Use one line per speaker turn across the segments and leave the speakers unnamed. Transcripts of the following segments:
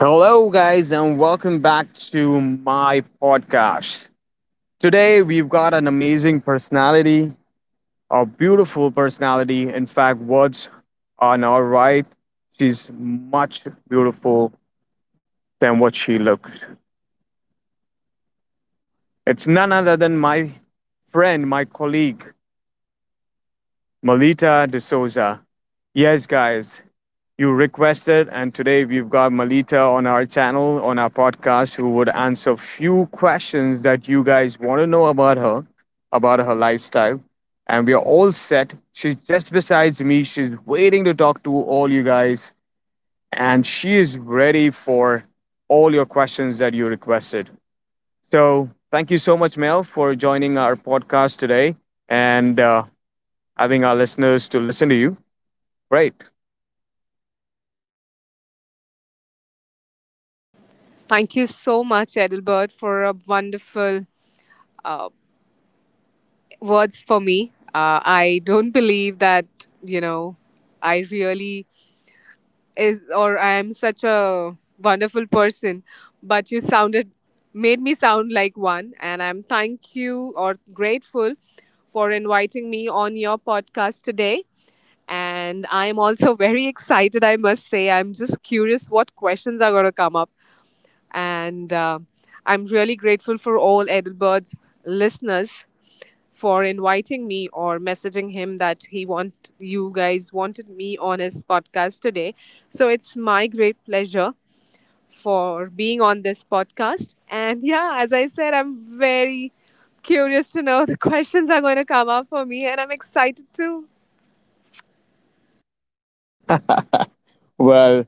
Hello, guys, and welcome back to my podcast. Today, we've got an amazing personality, a beautiful personality. In fact, what's on our right, she's much beautiful than what she looks. It's none other than my friend, my colleague, Melita De Souza. Yes, guys, you requested and today we've got Malita on our channel on our podcast who would answer few questions that you guys want to know about her lifestyle, and we are all set. She's just besides me. She's waiting to talk to all you guys, and she is ready for all your questions that you requested. So thank you so much, Mel, for joining our podcast today and having our listeners to listen to you. Great.
Thank you so much, Edelbert, for a wonderful uh, words for me. I don't believe that you know I really is or I am such a wonderful person, but you sounded made me sound like one, and I'm thank you or grateful for inviting me on your podcast today. And I'm also very excited, I must say. I'm just curious what questions are going to come up. And I'm really grateful for all Edelbert's listeners for inviting me or messaging him that he want you guys wanted me on his podcast today. So it's my great pleasure for being on this podcast. And yeah, as I said, I'm very curious to know the questions are going to come up for me, and I'm excited too.
Well,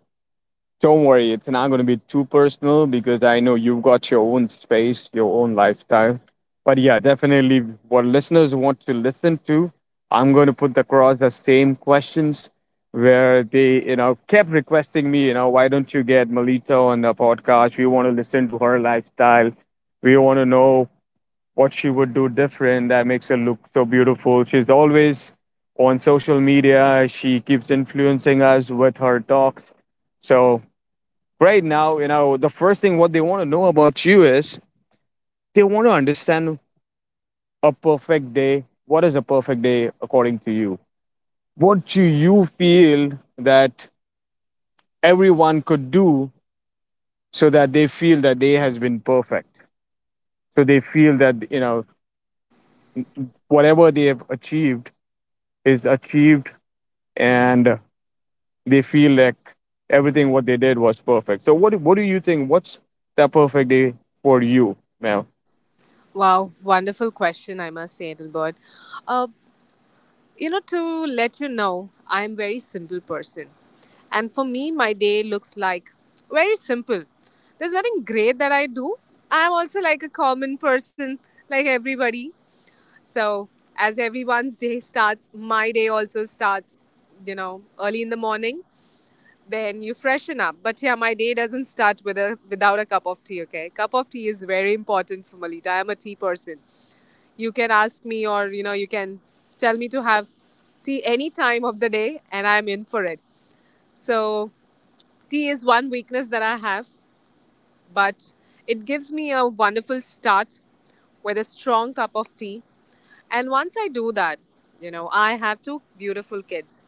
don't worry, it's not going to be too personal because I know you've got your own space, your own lifestyle. But yeah, definitely what listeners want to listen to, I'm going to put across the same questions where they, you know, kept requesting me, you know, why don't you get Melita on the podcast? We want to listen to her lifestyle. We want to know what she would do different that makes her look so beautiful. She's always on social media. She keeps influencing us with her talks. So right now, you know, the first thing what they want to know about you is they want to understand a perfect day. What is a perfect day according to you? What do you feel that everyone could do so that they feel that day has been perfect? So they feel that, you know, whatever they have achieved is achieved, and they feel like everything what they did was perfect. So what do you think? What's that perfect day for you, Mel?
Wow, wonderful question, I must say, Edelbert. Uh, You know, to let you know, I am very simple person. And for me, my day looks like very simple. There's nothing great that I do. I'm also like a common person, like everybody. So, as everyone's day starts, my day also starts, you know, early in the morning. Then you freshen up. But yeah, my day doesn't start with a, without a cup of tea, okay? Cup of tea is very important for Malita. I'm a tea person, you can ask me, or you know you can tell me to have tea any time of the day and I'm in for it. So tea is one weakness that I have, but it gives me a wonderful start with a strong cup of tea. And once I do that, you know, I have two beautiful kids.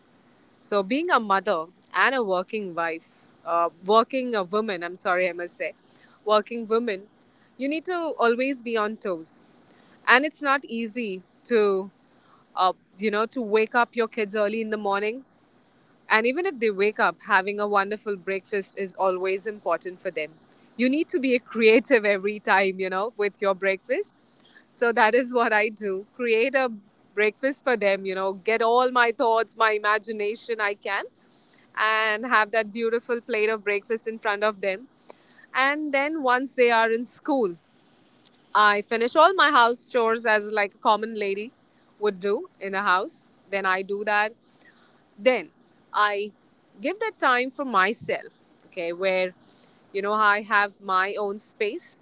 So, being a mother and a working wife, working a woman, I'm sorry, I must say, working woman, you need to always be on toes. And it's not easy to, uh, you know, to wake up your kids early in the morning, and even if they wake up, having a wonderful breakfast is always important for them. You need to be creative every time, you know, with your breakfast. So that is what I do. Create a breakfast for them, you know, get all my thoughts, my imagination I can, and have that beautiful plate of breakfast in front of them. And then once they are in school, I finish all my house chores as like a common lady would do in a house. Then I do that. Then I give that time for myself, okay, where you know I have my own space.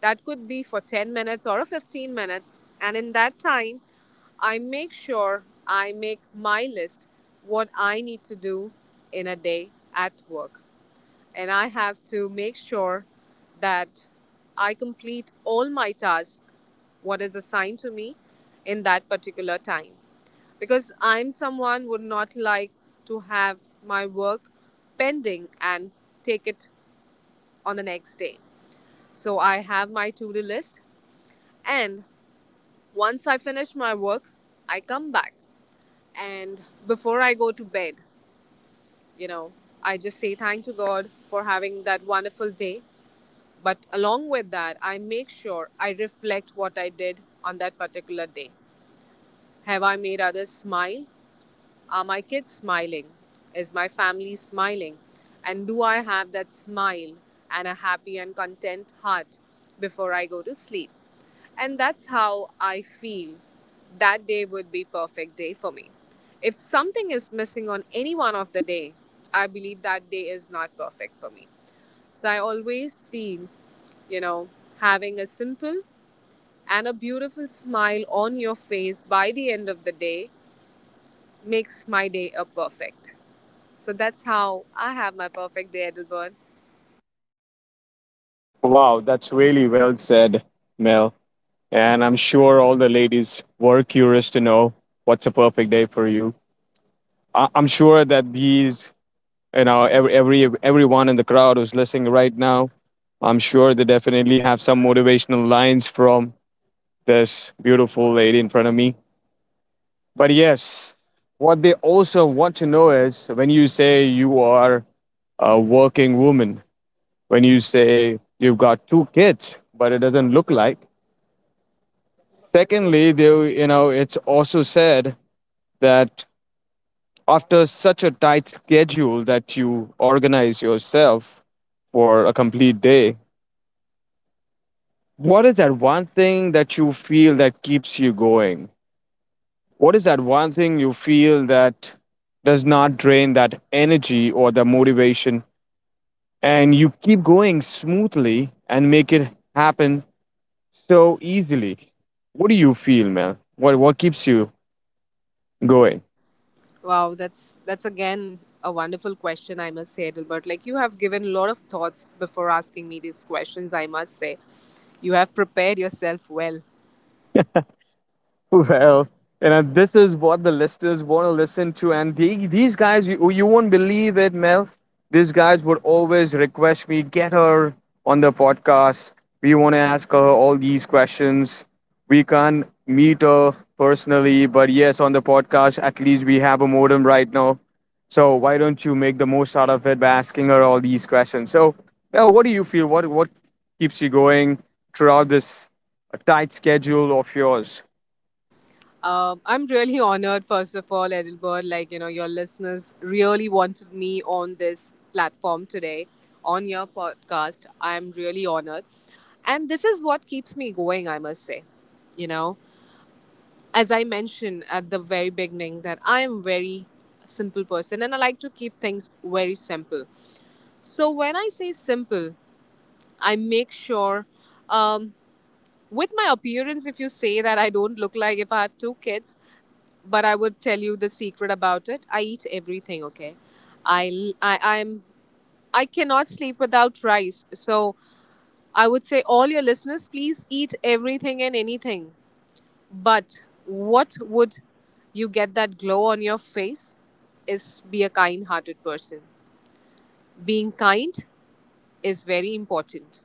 That could be for 10 minutes or 15 minutes. And in that time, I make sure I make my list what I need to do in a day at work, and I have to make sure that I complete all my tasks, what is assigned to me in that particular time. Because I'm someone would not like to have my work pending and take it on the next day. So I have my to-do list, and once I finish my work, I come back, and before I go to bed, you know, I just say thank to God for having that wonderful day. But along with that, I make sure I reflect what I did on that particular day. Have I made others smile? Are my kids smiling? Is my family smiling? And do I have that smile and a happy and content heart before I go to sleep? And that's how I feel that day would be perfect day for me. If something is missing on any one of the day, I believe that day is not perfect for me. So I always feel, you know, having a simple and a beautiful smile on your face by the end of the day makes my day a perfect. So that's how I have my perfect day, Edelbert.
Wow, that's really well said, Mel. And I'm sure all the ladies were curious to know what's a perfect day for you. I'm sure that these, you know, everyone in the crowd who's listening right now, I'm sure they definitely have some motivational lines from this beautiful lady in front of me. But yes, what they also want to know is when you say you are a working woman, when you say you've got two kids, but it doesn't look like. Secondly, they, you know, it's also said that after such a tight schedule that you organize yourself for a complete day, what is that one thing that you feel that keeps you going? What is that one thing you feel that does not drain that energy or the motivation, and you keep going smoothly and make it happen so easily? What do you feel, man? What keeps you going?
Wow, that's again a wonderful question, I must say, Edelbert. Like you have given a lot of thoughts before asking me these questions, I must say. You have prepared yourself well.
Well, you know, this is what the listeners want to listen to. And these guys, you won't believe it, Mel. These guys would always request me, get her on the podcast. We want to ask her all these questions. We can't meet her personally, but yes, on the podcast, at least we have a modem right now. So why don't you make the most out of it by asking her all these questions? So, Mel, what do you feel? What keeps you going throughout this tight schedule of yours?
I'm really honored, first of all, Edelbert. Like, you know, your listeners really wanted me on this platform today, on your podcast. I'm really honored. And this is what keeps me going, I must say. You know, as I mentioned at the very beginning, that I am very simple person and I like to keep things very simple. So when I say simple, I make sure um, with my appearance, if you say that I don't look like if I have two kids, but I would tell you the secret about it. I eat everything, okay? I I I'm I cannot sleep without rice. So I would say all your listeners please eat everything and anything, but what would you get that glow on your face is be a kind hearted person. Being kind is very important.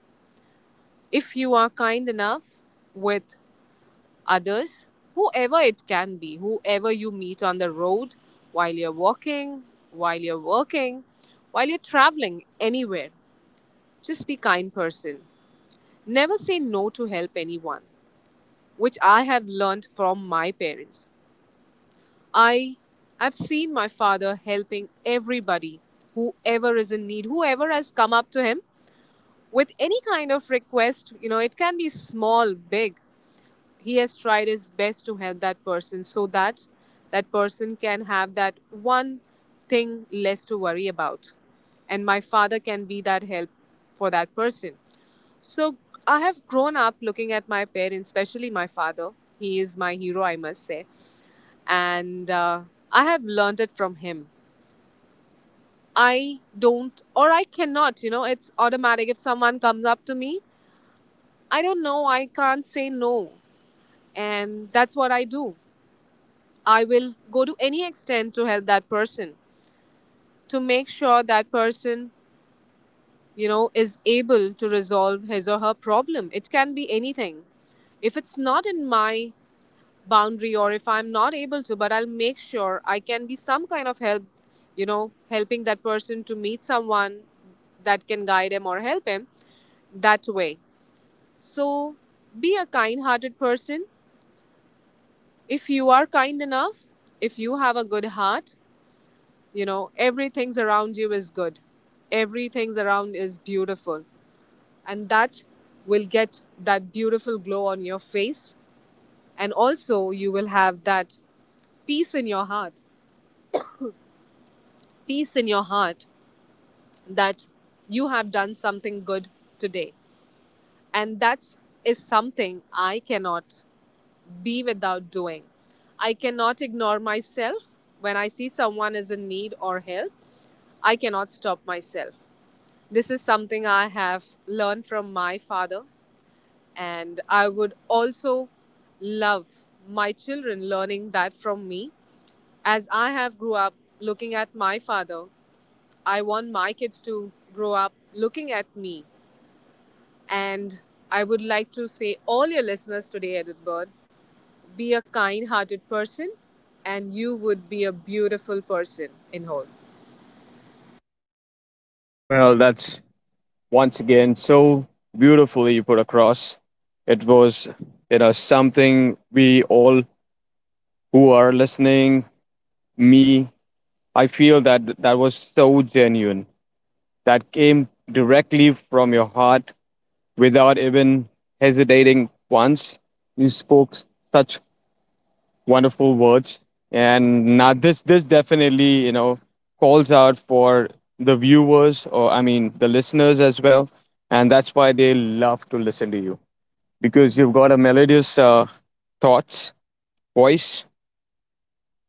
If you are kind enough with others, whoever it can be, whoever you meet on the road, while you're walking, while you're working, while you're traveling anywhere, just be kind person. Never say no to help anyone, which I have learned from my parents. I I've seen my father helping everybody, whoever is in need, whoever has come up to him with any kind of request, you know, it can be small, big. He has tried his best to help that person so that that person can have that one thing less to worry about. And my father can be that help for that person. So I have grown up looking at my parents, especially my father. He is my hero, I must say, and I have learned it from him. I don't, or I cannot, you know, it's automatic. If someone comes up to me, I don't know, I can't say no. And that's what I do. I will go to any extent to help that person, to make sure that person, you know, is able to resolve his or her problem. It can be anything. If it's not in my boundary or if I'm not able to, but I'll make sure I can be some kind of help, you know, helping that person to meet someone that can guide him or help him that way. So be a kind hearted person. If you are kind enough, if you have a good heart, you know, everything's around you is good. Everything's around is beautiful, and that will get that beautiful glow on your face, and also you will have that peace in your heart peace in your heart that you have done something good today, and that's is something I cannot be without doing. I cannot ignore myself. When I see someone is in need or help, I cannot stop myself. This is something I have learned from my father. And I would also love my children learning that from me. As I have grew up looking at my father, I want my kids to grow up looking at me. And I would like to say all your listeners today, Edith Bird, be a kind hearted person and you would be a beautiful person in whole.
Well, that's once again so beautifully you put across. It was, you know, something we all who are listening, me, I feel that that was so genuine. That came directly from your heart without even hesitating once. You spoke such wonderful words. And now this definitely, you know, calls out for the viewers, or I mean the listeners as well, and that's why they love to listen to you because you've got a melodious thoughts, voice,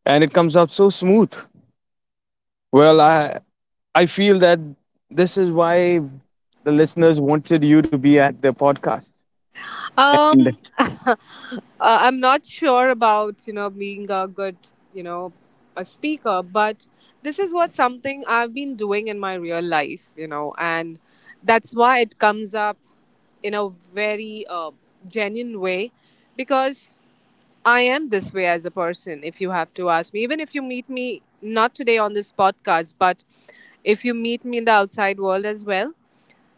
and it comes out so smooth. Well, I feel that this is why the listeners wanted you to be at their podcast. And
Um, uh, I'm not sure about, you know, being a good, you know, a speaker, but this is what something I've been doing in my real life, you know, and that's why it comes up in a very genuine way, because I am this way as a person. If you have to ask me, even if you meet me not today on this podcast, but if you meet me in the outside world as well,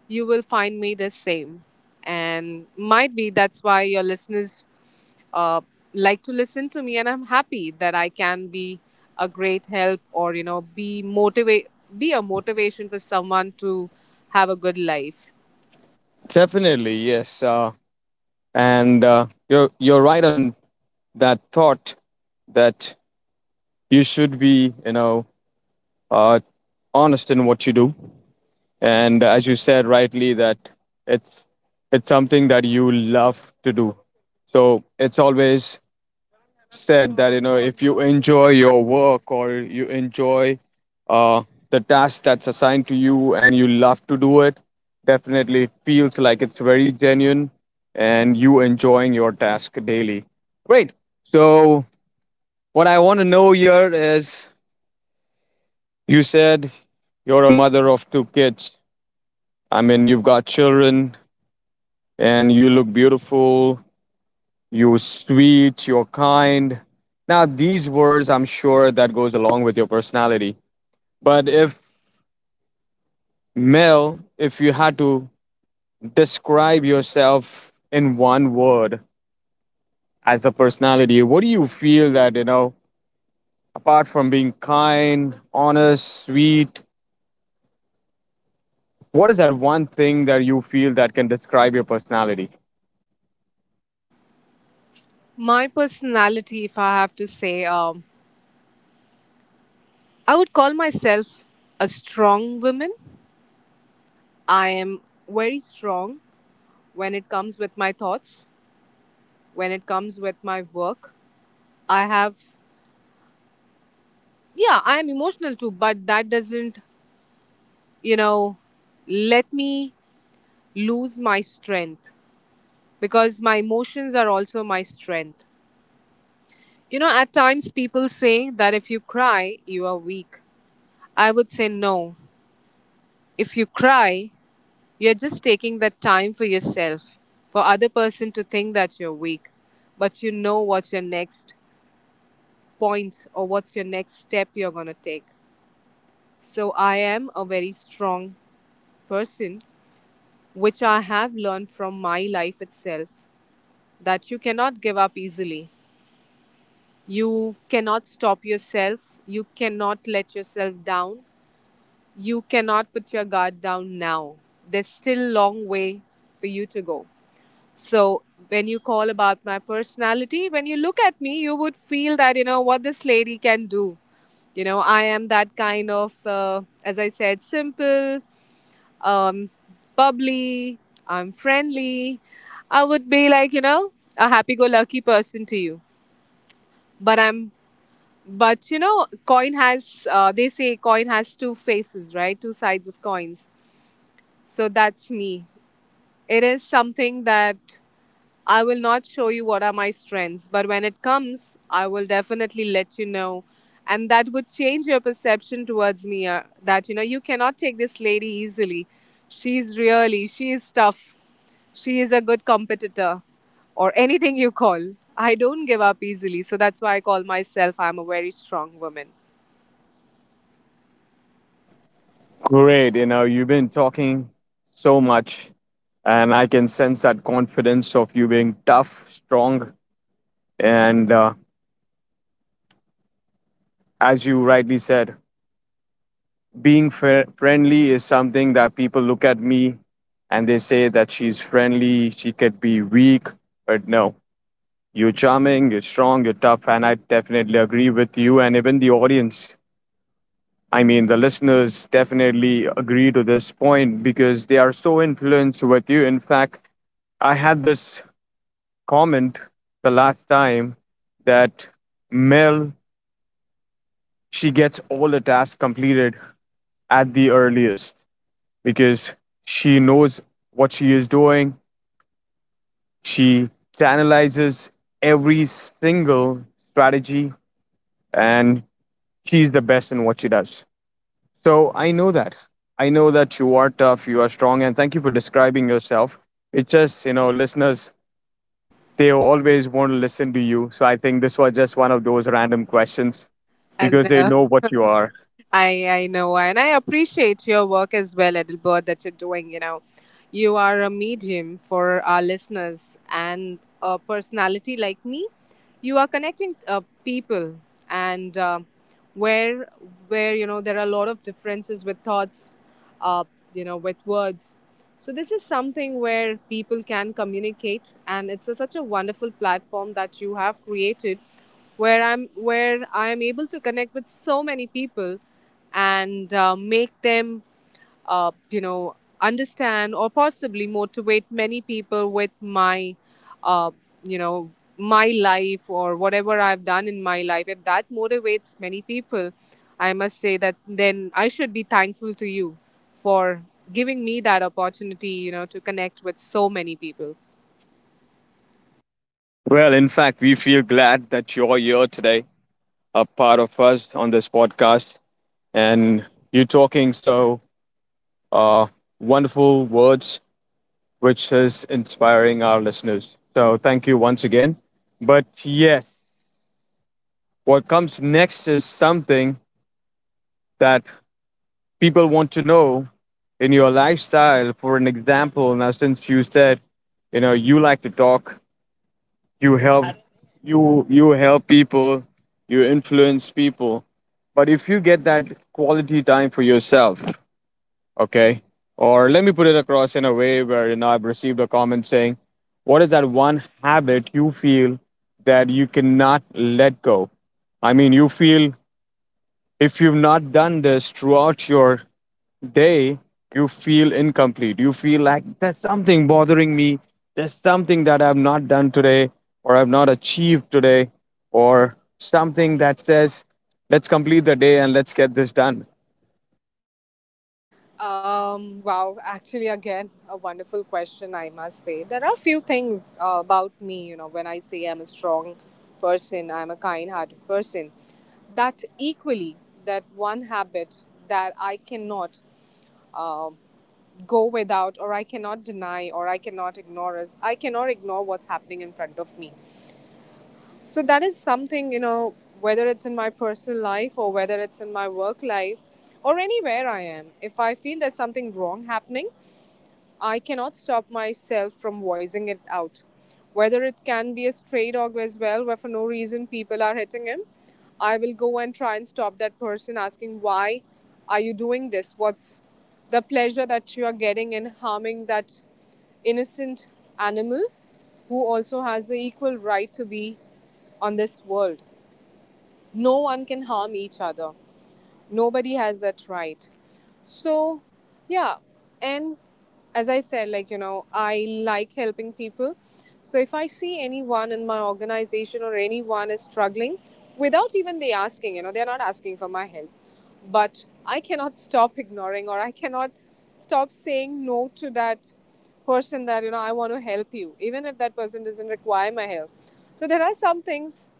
you will find me the same. And might be that's why your listeners uh, like to listen to me, and I'm happy that I can be a great help or, you know, be motivate, be a motivation for someone to have a good life.
definitely, yes. And you're right on that thought that you should be, you know, uh, honest in what you do, and as you said rightly that it's it's something that you love to do. So it's always said that, you know, if you enjoy your work or you enjoy uh, the task that's assigned to you and you love to do it, definitely it feels like it's very genuine and you enjoying your task daily. Great. So what I want to know here is you said you're a mother of two kids. I mean, you've got children, and you look beautiful, you're sweet, you're kind. Now, these words, I'm sure that goes along with your personality. But if Mel, if you had to describe yourself in one word as a personality, what do you feel that, you know, apart from being kind, honest, sweet, what is that one thing that you feel that can describe your personality?
My personality, if I have to say, I would call myself a strong woman. I am very strong when it comes with my thoughts, when it comes with my work. I have, yeah, I am emotional too, but that doesn't, you know, let me lose my strength, because my emotions are also my strength. You know, at times people say that if you cry you are weak. I would say no. If you cry, you're just taking that time for yourself, for other person to think that you're weak, but you know what's your next point or what's your next step you're going to take. So I am a very strong person, which I have learned from my life itself, that you cannot give up easily. You cannot stop yourself. You cannot let yourself down. You cannot put your guard down now. There's still a long way for you to go. So, when you call about my personality, when you look at me, you would feel that, you know, what this lady can do. You know, I am that kind of, as I said, simple, um, bubbly, I'm friendly. I would be like, you know, a happy go lucky person to you. But I'm, but you know, coin has, they say coin has two faces, right? Two sides of coins. So that's me. It is something that I will not show you what are my strengths, but when it comes, I will definitely let you know. And that would change your perception towards me that, you know, you cannot take this lady easily. She's really, she is tough. She is a good competitor or anything you call. I don't give up easily. So that's why I call myself, I'm a very strong woman.
Great. You know, you've been talking so much, and I can sense that confidence of you being tough, strong, and as you rightly said, being friendly is something that people look at me and they say that she's friendly, she could be weak, but no, you're charming, you're strong, you're tough, and I definitely agree with you, and even the audience. I mean, the listeners definitely agree to this point because they are so influenced with you. In fact, I had this comment the last time that Mel, she gets all the tasks completed at the earliest because she knows what she is doing. She analyzes every single strategy, and she's the best in what she does. So I know that. I know that you are tough, you are strong, and thank you for describing yourself. It's just, you know, listeners, they always want to listen to you. So I think this was just one of those random questions
And
because they know what you are.
I know, and I appreciate your work as well, Adelbert, that you're doing. You know, you are a medium for our listeners, and a personality like me, you are connecting people, and where where you know there are a lot of differences with thoughts, uh, you know, with words. So this is something where people can communicate, and it's a, such a wonderful platform that you have created where I am able to connect with so many people and make them you know understand or possibly motivate many people with my uh, you know my life or whatever I've done in my life if that motivates many people I must say that then I should be thankful to you for giving me that opportunity you know to connect with so many people.
Well, in fact, we feel glad that you're here today, a part of us on this podcast, and you're talking so uh, wonderful words, which is inspiring our listeners. So thank you once again. But yes, what comes next is something that people want to know in your lifestyle. For an example, now, since you said, you know, you like to talk, you help, you help people, you influence people, but if you get that quality time for yourself, okay, or let me put it across in a way where, you know, I've received a comment saying, what is that one habit you feel that you cannot let go? I mean, you feel if you've not done this throughout your day, you feel incomplete, you feel like there's something bothering me, there's something that I've not done today, or I've not achieved today, or something that says, let's complete the day and let's get this done.
Wow, actually, again, a wonderful question, I must say. There are few things about me, you know, when I say I'm a strong person, I'm a kind hearted person, that equally, that one habit that I cannot uh, go without, or I cannot deny, or I cannot ignore is I cannot ignore what's happening in front of me. So that is something, you know, whether it's in my personal life or whether it's in my work life or anywhere I am, if I feel there's something wrong happening, I cannot stop myself from voicing it out. Whether it can be a stray dog as well, where for no reason people are hitting him, I will go and try and stop that person asking, why are you doing this? What's the pleasure that you are getting in harming that innocent animal who also has the equal right to be on this world? No one can harm each other. Nobody has that right. So, yeah. And as I said, like, you know, I like helping people. So if I see anyone in my organization or anyone is struggling, without even they asking, you know, they're not asking for my help. But I cannot stop ignoring or I cannot stop saying no to that person that, you know, I want to help you, even if that person doesn't require my help. So there are some things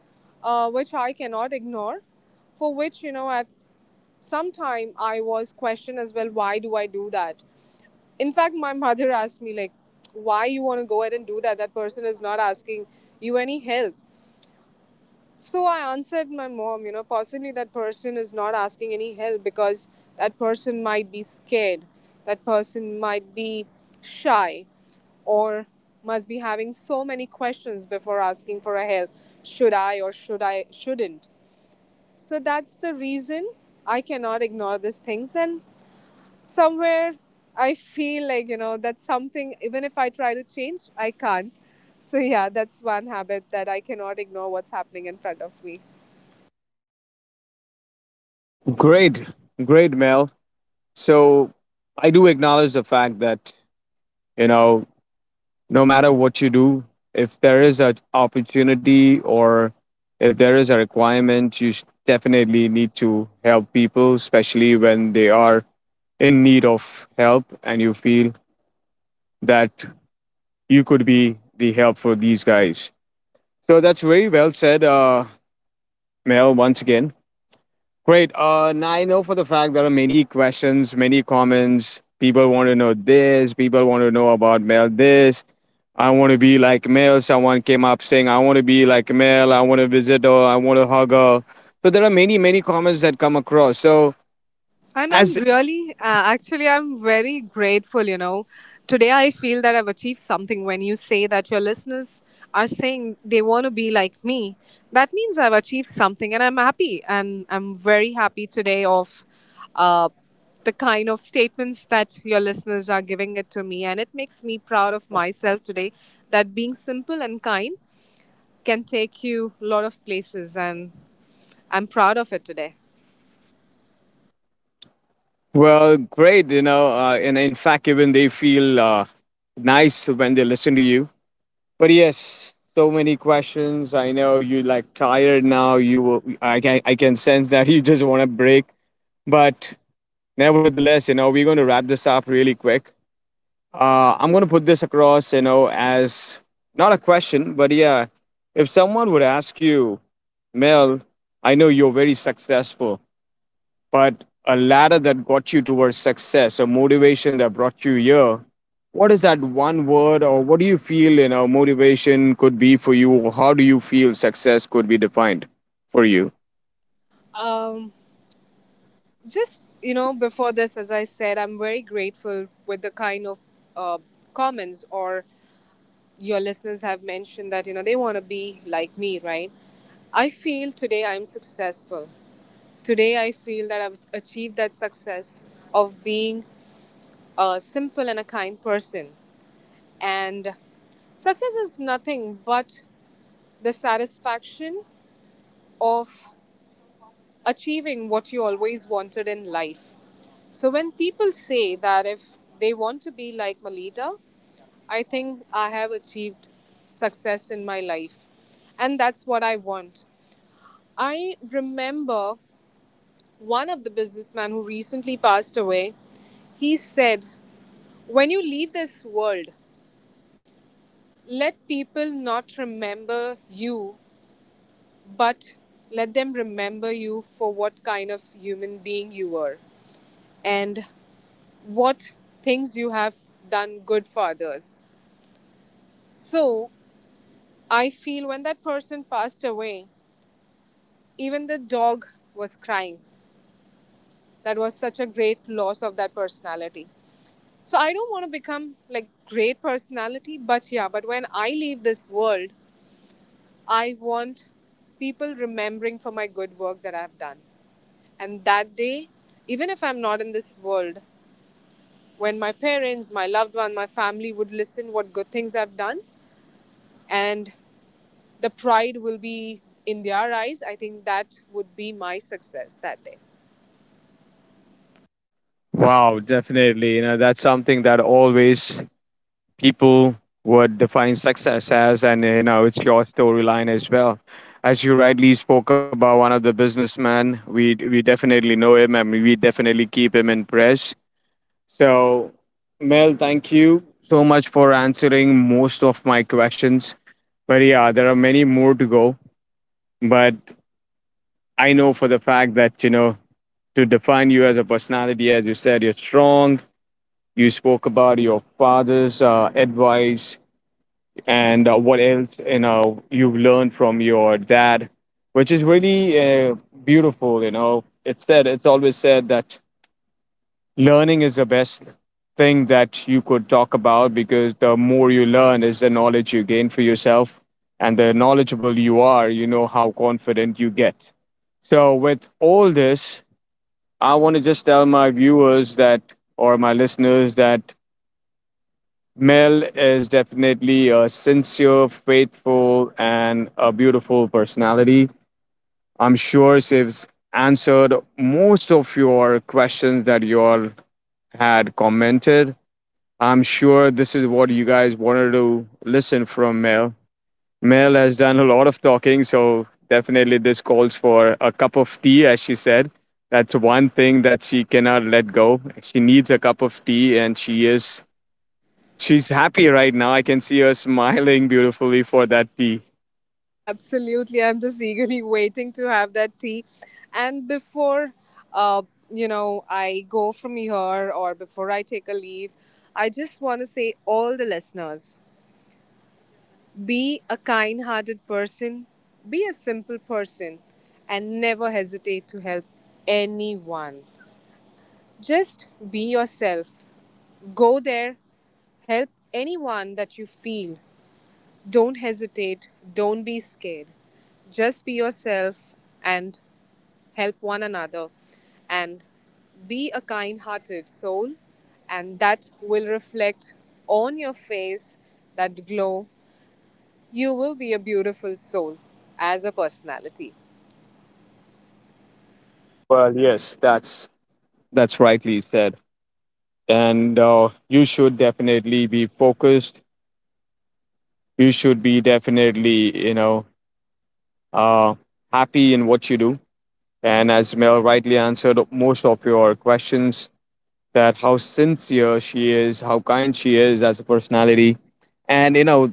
which I cannot ignore, for which, you know, at some time I was questioned as well, why do I do that? In fact, my mother asked me, like, why you want to go ahead and do that? That person is not asking you any help. So I answered my mom, you know, possibly that person is not asking any help because that person might be scared, that person might be shy, or must be having so many questions before asking for a help, should I or should I shouldn't. So that's the reason I cannot ignore these things. And somewhere I feel like, you know, that's something, even if I try to change, I can't. So yeah, that's one habit that I cannot ignore what's happening in front of me.
Great, great Mel. So I do acknowledge the fact that, you know, no matter what you do, if there is an opportunity or if there is a requirement, you definitely need to help people, especially when they are in need of help and you feel that you could be the help for these guys. So that's very well said, Mel, once again. Great. Now I know for the fact there are many questions, many comments. People want to know this, people want to know about Mel this. I want to be like Mel. Someone came up saying, I want to be like Mel. I want to visit her. I want to hug her. So there are many, many comments that come across. So
I'm
as
really actually I'm very grateful, you know. Today I feel that I've achieved something when you say that your listeners are saying they want to be like me. That means I've achieved something and I'm happy and I'm very happy today of uh, the kind of statements that your listeners are giving it to me and it makes me proud of myself today that being simple and kind can take you a lot of places and I'm proud of it today.
well, great. You know, and in fact, even they feel nice when they listen to you. But yes, so many questions. I know you like tired now. I can sense that you just want to break. But nevertheless, you know, we're going to wrap this up really quick. I'm going to put this across, you know, as not a question, but yeah, if someone would ask you, Mel, I know you're very successful, but a ladder that got you towards success, a motivation that brought you here. What is that one word, or what do you feel, you know, motivation could be for you? Or how do you feel success could be defined for you?
Um, just you know before this as I said I'm very grateful with the kind of uh, comments or your listeners have mentioned that you know they want to be like me, right? I feel today I'm successful, today I feel that I've achieved that success of being a simple and a kind person, and success is nothing but the satisfaction of achieving what you always wanted in life. So when people say that if they want to be like Malita, I think I have achieved success in my life. And that's what I want. I remember one of the businessmen who recently passed away, he said, when you leave this world, let people not remember you, but let them remember you for what kind of human being you were. And what things you have done good for others. So I feel when that person passed away, even the dog was crying. That was such a great loss of that personality. So I don't want to become like great personality, but yeah, but when I leave this world, I want people remembering for my good work that I've done. And that day, even if I'm not in this world, when my parents, my loved one, my family would listen what good things I've done and the pride will be in their eyes. I think that would be my success that day.
Wow, definitely. You know, that's something that always people would define success as, and you know, it's your storyline as well. As you rightly spoke about one of the businessmen, we definitely know him, and we definitely keep him in prayers. So, Mel, thank you so much for answering most of my questions. But yeah, there are many more to go. But I know for the fact that, you know, to define you as a personality, as you said, you're strong. You spoke about your father's advice and what else, you know, you've learned from your dad, which is really uh, beautiful. You know, it's said, it's always said that learning is the best thing that you could talk about because the more you learn is the knowledge you gain for yourself, and the knowledgeable you are, you know how confident you get. So with all this, I want to just tell my viewers that or my listeners that Mel is definitely a sincere, faithful, and a beautiful personality. I'm sure she's answered most of your questions that you all had commented. I'm sure this is what you guys wanted to listen from Mel. Mel has done a lot of talking, so definitely this calls for a cup of tea, as she said. That's one thing that she cannot let go. She needs a cup of tea, and she's happy right now. I can see her smiling beautifully for that tea.
Absolutely. I'm just eagerly waiting to have that tea. And before, uh, you know, I go from here or before I take a leave, I just want to say all the listeners be a kind hearted person, be a simple person, and never hesitate to help anyone. Just be yourself. Go there, help anyone that you feel. Don't hesitate, don't be scared. Just be yourself and help one another and be a kind hearted soul, and that will reflect on your face that glow. You will be a beautiful soul as a personality.
Well, yes, that's rightly said. And you should definitely be focused. You should be definitely, you know, uh, happy in what you do. And as Mel rightly answered most of your questions, that how sincere she is, how kind she is as a personality. And you know,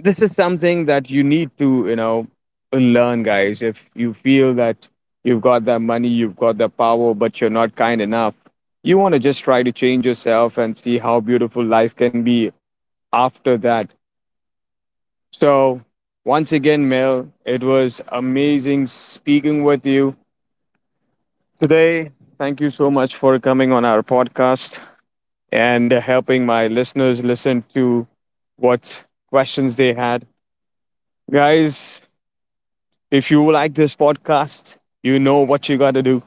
this is something that you need to, you know, learn, guys. If you feel that you've got that money, you've got the power, but you're not kind enough, you want to just try to change yourself and see how beautiful life can be after that. So once again, Mel, it was amazing speaking with you. Today, thank you so much for coming on our podcast and helping my listeners listen to what questions they had. Guys, if you like this podcast, you know what you got to do.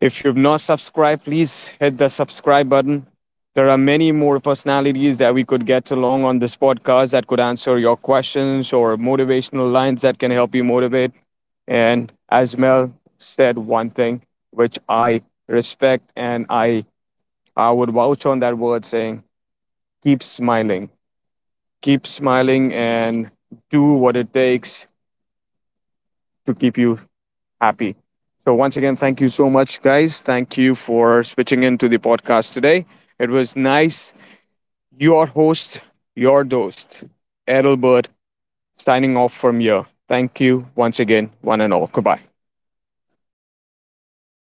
If you've not subscribed, please hit the subscribe button. There are many more personalities that we could get along on this podcast that could answer your questions or motivational lines that can help you motivate. And as Mel said, one thing which I respect and I would vouch on that word saying, keep smiling, keep smiling, and do what it takes to keep you happy. So, once again, thank you so much, guys. Thank you for switching into the podcast today. It was nice. Your host, your host, Errol Bird, signing off from here. Thank you once again, one and all. Goodbye.